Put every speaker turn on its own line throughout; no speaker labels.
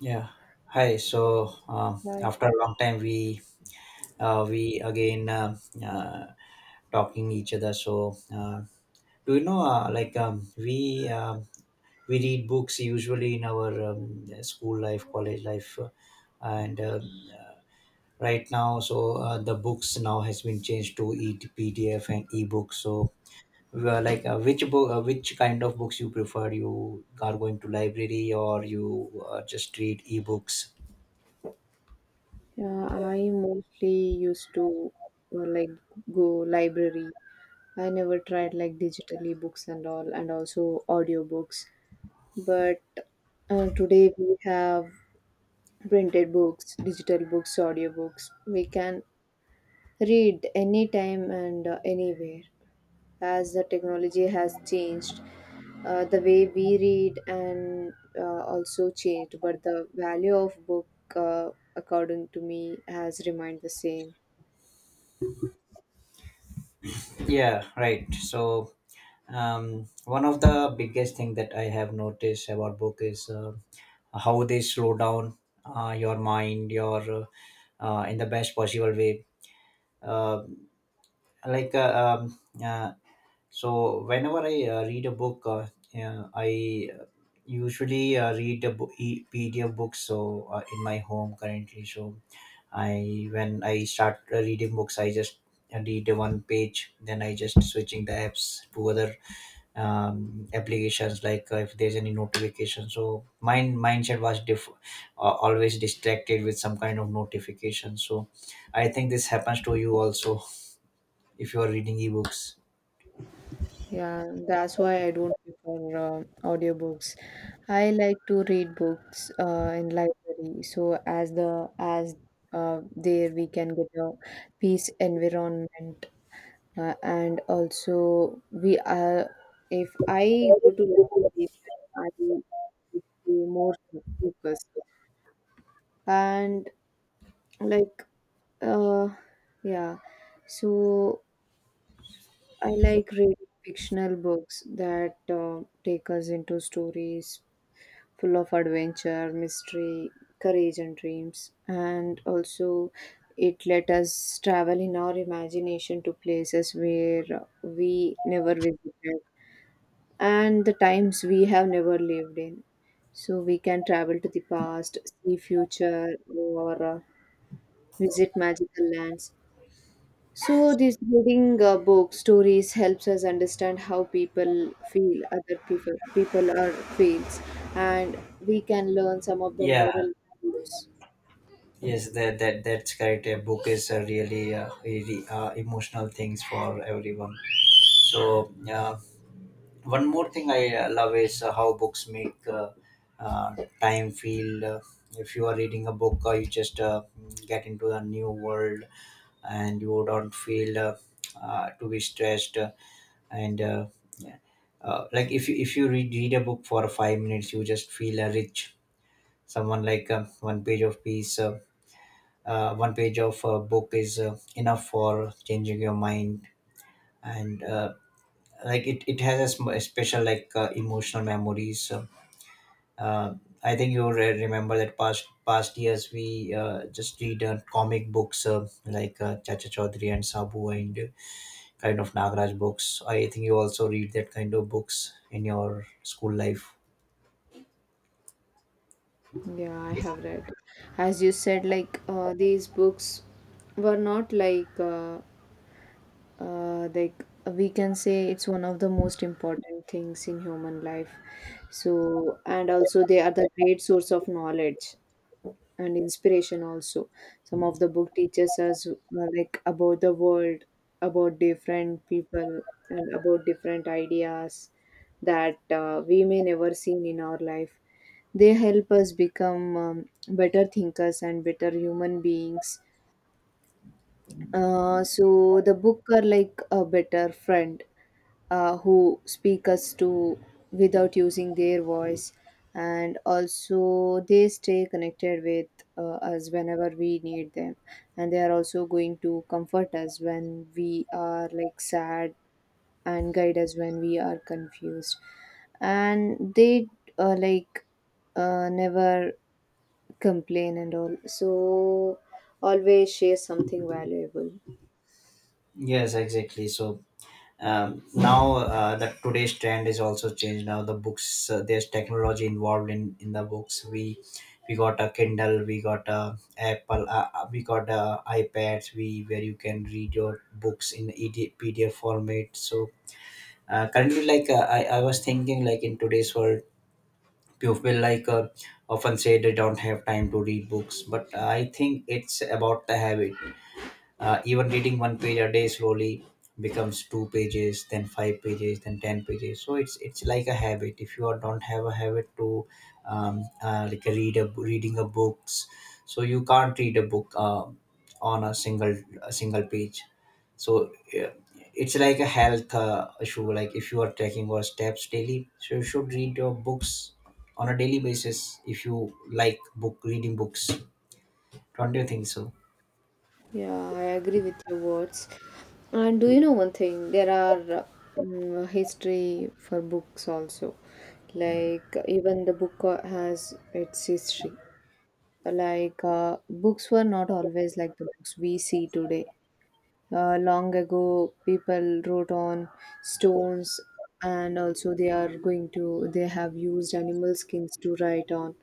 Yeah. Hi.
Right.
After a long time, we again uh, talking each other. Do you know? We read books usually in our school life, college life, and uh, right now. The books now has been changed to e PDF and books. So which which kind of books you prefer? You are going to library, or you just read e books?
Yeah, I mostly used to like go library. I never tried like digitally books and all, and also audiobooks. But today we have printed books, digital books, audiobooks. We can read anytime and anywhere. As the technology has changed, the way we read and also changed, but the value of book, uh, according to me, has remained the same.
Yeah, right. So one of the biggest thing that I have noticed about book is how they slow down your mind, your in the best possible way. Uh, like uh, um, uh, so whenever I read a book, yeah, I usually read a PDF books. So in my home currently. So I, when I start reading books, I just read one page, then I just switching the apps to other applications, like if there's any notification, so my mindset was always distracted with some kind of notification. So I think this happens to you also if you are reading ebooks.
Yeah, that's why I don't prefer audiobooks. I like to read books in library, so as there we can get a peace environment, and also we are, if I go to library, I would be more focused, and like, uh yeah. So I like reading fictional books that take us into stories full of adventure, mystery, courage and dreams, and also it let us travel in our imagination to places where we never visited and the times we have never lived in. So we can travel to the past, see future, or visit magical lands. So this reading book stories helps us understand how people feel, other people are feels, and we can learn some of the
Yeah.
moral values.
Yes, that's correct. A book is a really emotional things for everyone. So one more thing I love is how books make time feel. If you are reading a book, you just get into a new world and you don't feel to be stressed, and yeah. Like if you read a book for 5 minutes, you just feel rich. Someone like one page of piece, one page of a book is enough for changing your mind. And uh, like it, it has a a special, like, emotional memories. Uh, uh, i think you re- remember that past years we just read comic books, like Chacha Chaudhary and Sabu and kind of Nagaraj books. I think you also read that kind of books in your school life.
Yeah, I have read. As you said, like these books were not like. Like, we can say it's one of the most important things in human life. So, and also, they are the great source of knowledge and inspiration also. Some of the book teaches us, like, about the world, about different people, and about different ideas that we may never seen in our life. They help us become, better thinkers and better human beings. So the book are like a better friend who speak us to without using their voice, and also they stay connected with us whenever we need them, and they are also going to comfort us when we are like sad, and guide us when we are confused, and they, like, never complain and all, so always share something valuable.
Yes, exactly. So now the today's trend is also changed. Now the books, there's technology involved in the books. We got a Kindle, we got a Apple, we got a iPads, We where you can read your books in ED, PDF format. So currently, I was thinking, like in today's world, people often say they don't have time to read books, but I think it's about the habit. Even reading one page a day slowly becomes two pages, then five pages, then ten pages. So it's like a habit. If you are- don't have a habit to like a read a reading a books, so you can't read a book on a single page. So yeah, it's like a health issue. Like if you are taking your steps daily, so you should read your books on a daily basis, if you like book reading books, don't you think so?
Yeah, I agree with your words. And do you know one thing? There are, history for books also. Like, even the book has its history. Like books were not always like the books we see today. Long ago, people wrote on stones, and also they are going to, they have used animal skins to write on,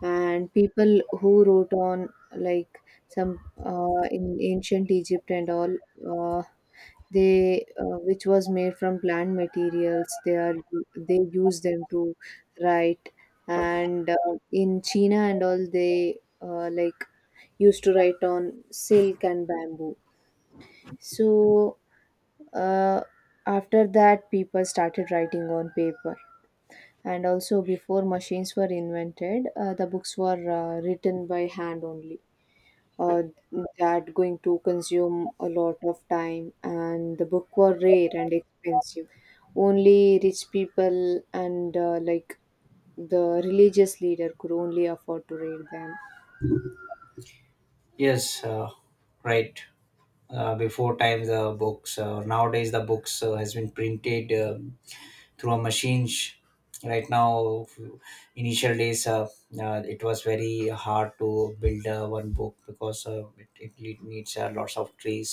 and people who wrote on, like, some, in ancient Egypt and all, uh, they, which was made from plant materials, they are, they use them to write. And in China and all, they, like, used to write on silk and bamboo. So uh, after that, people started writing on paper. And also, before machines were invented, the books were written by hand only. uh, that going to consume a lot of time, and the book were rare and expensive. Only rich people and, like, the religious leader could only afford to read them.
Yes, right. Before time the books, nowadays the books has been printed through a machine. Right now, initial days, it was very hard to build one book, because it needs lots of trees.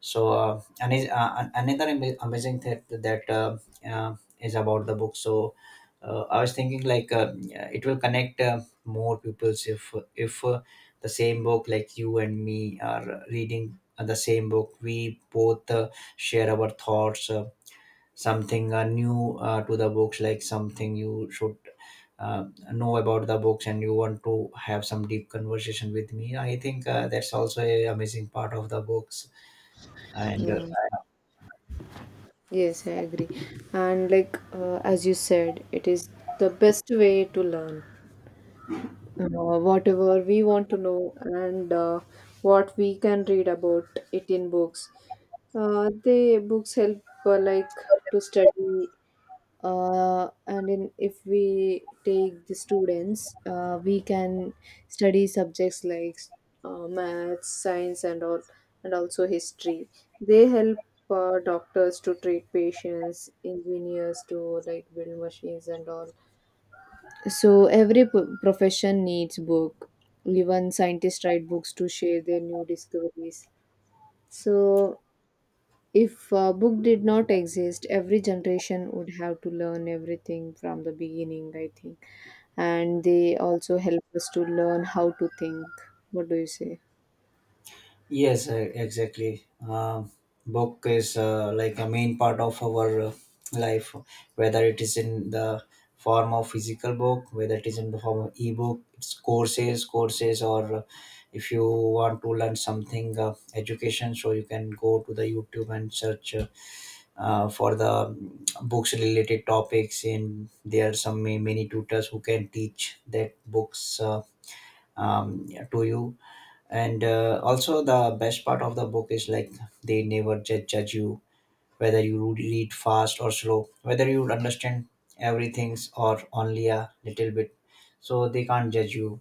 And another amazing thing that uh, is about the book. So I was thinking, like, it will connect more pupils, if the same book, like you and me are reading the same book, we both share our thoughts, something new to the books, like something you should uh, know about the books, and you want to have some deep conversation with me. I think that's also a amazing part of the books and
Yeah, yes, I agree. And like, as you said, it is the best way to learn whatever we want to know, and what we can read about it in books. The books help, like, to study, and in, if we take the students, we can study subjects like, maths, science and all, and also history. They help doctors to treat patients, engineers to like build machines and all. So every p- profession needs book. Even scientists write books to share their new discoveries. So if a book did not exist, every generation would have to learn everything from the beginning, I think. And they also help us to learn how to think. What do you say?
Yes, exactly. Book is like a main part of our life, whether it is in the form of physical book, whether it is in the form of ebook, it's courses, or if you want to learn something, education. So you can go to the YouTube and search for the books related topics. And there are some many tutors who can teach that books, to you. And also the best part of the book is, like, they never judge you whether you read fast or slow, whether you understand everything's or only a little bit, so they can't judge you.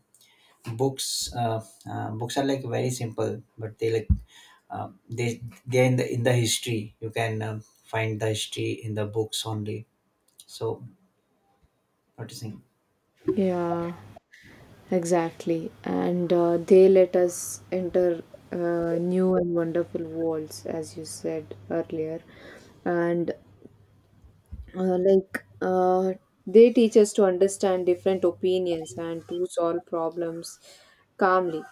books uh, Books are like very simple, but they like, they're in the history. You can find the history in the books only. So what do you think?
Yeah, exactly. And they let us enter new and wonderful worlds, as you said earlier. And, like, they teach us to understand different opinions and to solve problems calmly.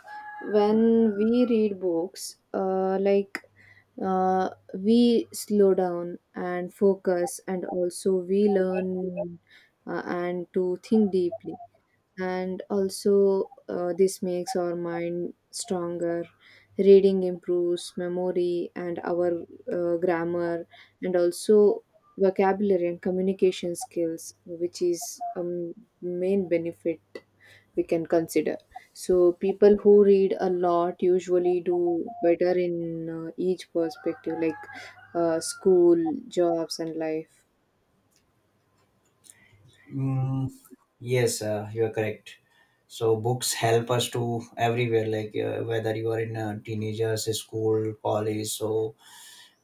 When we read books, like, uh, we slow down and focus, and also we learn and to think deeply, and also, this makes our mind stronger. Reading improves memory and our grammar, and also vocabulary and communication skills, which is a main benefit we can consider. So people who read a lot usually do better in, each perspective, like school, jobs and life.
Mm, yes, you are correct. So books help us to everywhere, like, whether you are in a teenagers, school, college. So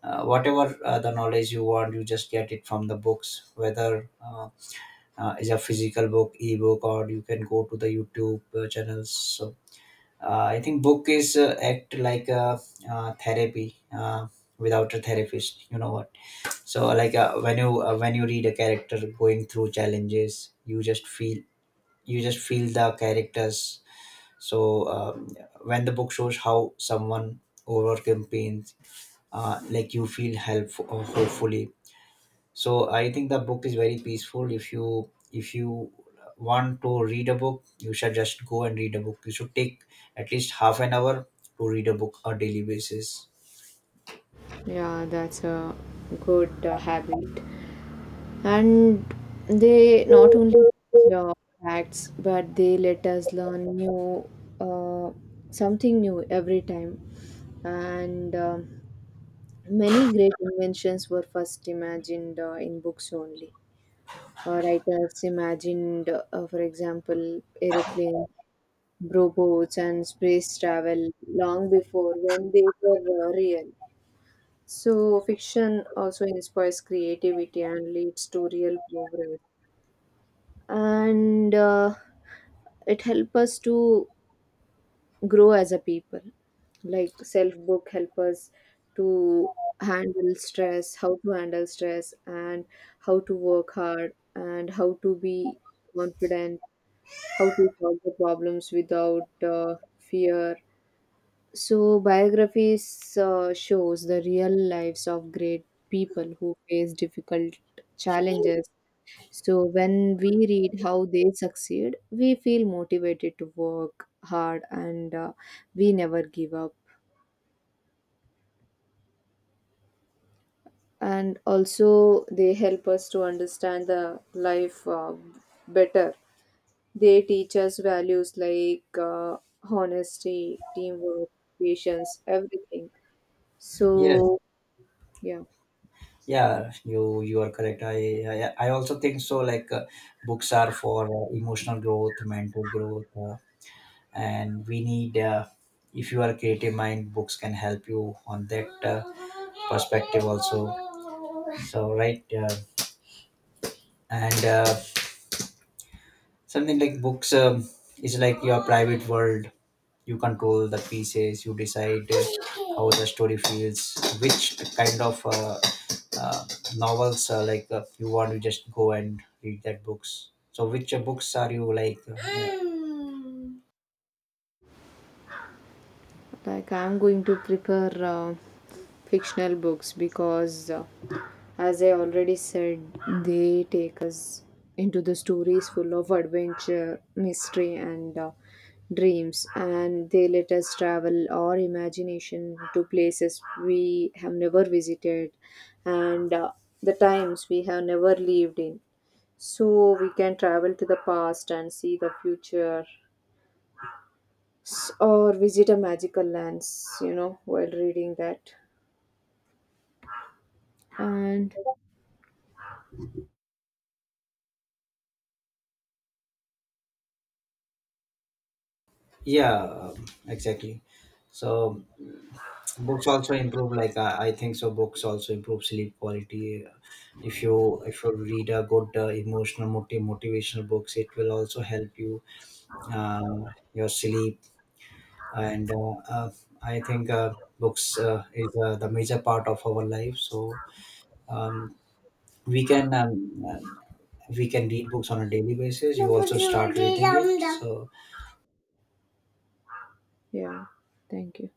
uh, whatever the knowledge you want, you just get it from the books. Whether is a physical book, ebook, or you can go to the YouTube channels. So I think book is act like a therapy. Without a therapist, you know what. So like, when you read a character going through challenges, you just feel the characters. So when the book shows how someone overcame pains, like you feel help hopefully. So I think the book is very peaceful. If you want to read a book, you should just go and read a book. You should take at least half an hour to read a book on daily basis.
Yeah, that's a good habit. And they not only teach facts, but they let us learn new, uh, something new every time. And, many great inventions were first imagined in books only. Uh, writers imagined, for example, aeroplanes, robots and space travel long before when they were real. So fiction also inspires creativity and leads to real progress. And it help us to grow as a people. Like, self book help us to handle stress, how to handle stress, and how to work hard, and how to be confident, how to solve the problems without fear. So biographies shows the real lives of great people who face difficult challenges. So when we read how they succeed, we feel motivated to work hard, and we never give up. And also, they help us to understand the life better. They teach us values like, honesty, teamwork, patience, everything.
Yes.
So, yeah.
Yeah, you are correct. I also think so. Like, books are for emotional growth, mental growth, and we need if you are a creative mind, books can help you on that perspective also. So right uh, and uh, Something like books, is like your private world. You control the pieces, you decide how the story feels, which kind of uh, novels, you want to just go and read that books. So which books are you like?
Like, I'm going to prefer fictional books because, as I already said, they take us into the stories full of adventure, mystery, and dreams, and they let us travel our imagination to places we have never visited, and the times we have never lived in. So we can travel to the past and see the future, or visit a magical lands, you know, while reading that. And
Yeah, exactly. So mm, books also improve, I think so, books also improve sleep quality. If you read a good, emotional, motivational books, it will also help you your sleep. And I think books is the major part of our life. So um, we can um, uh, we can read books on a daily basis. You also start reading it. So
yeah, thank you.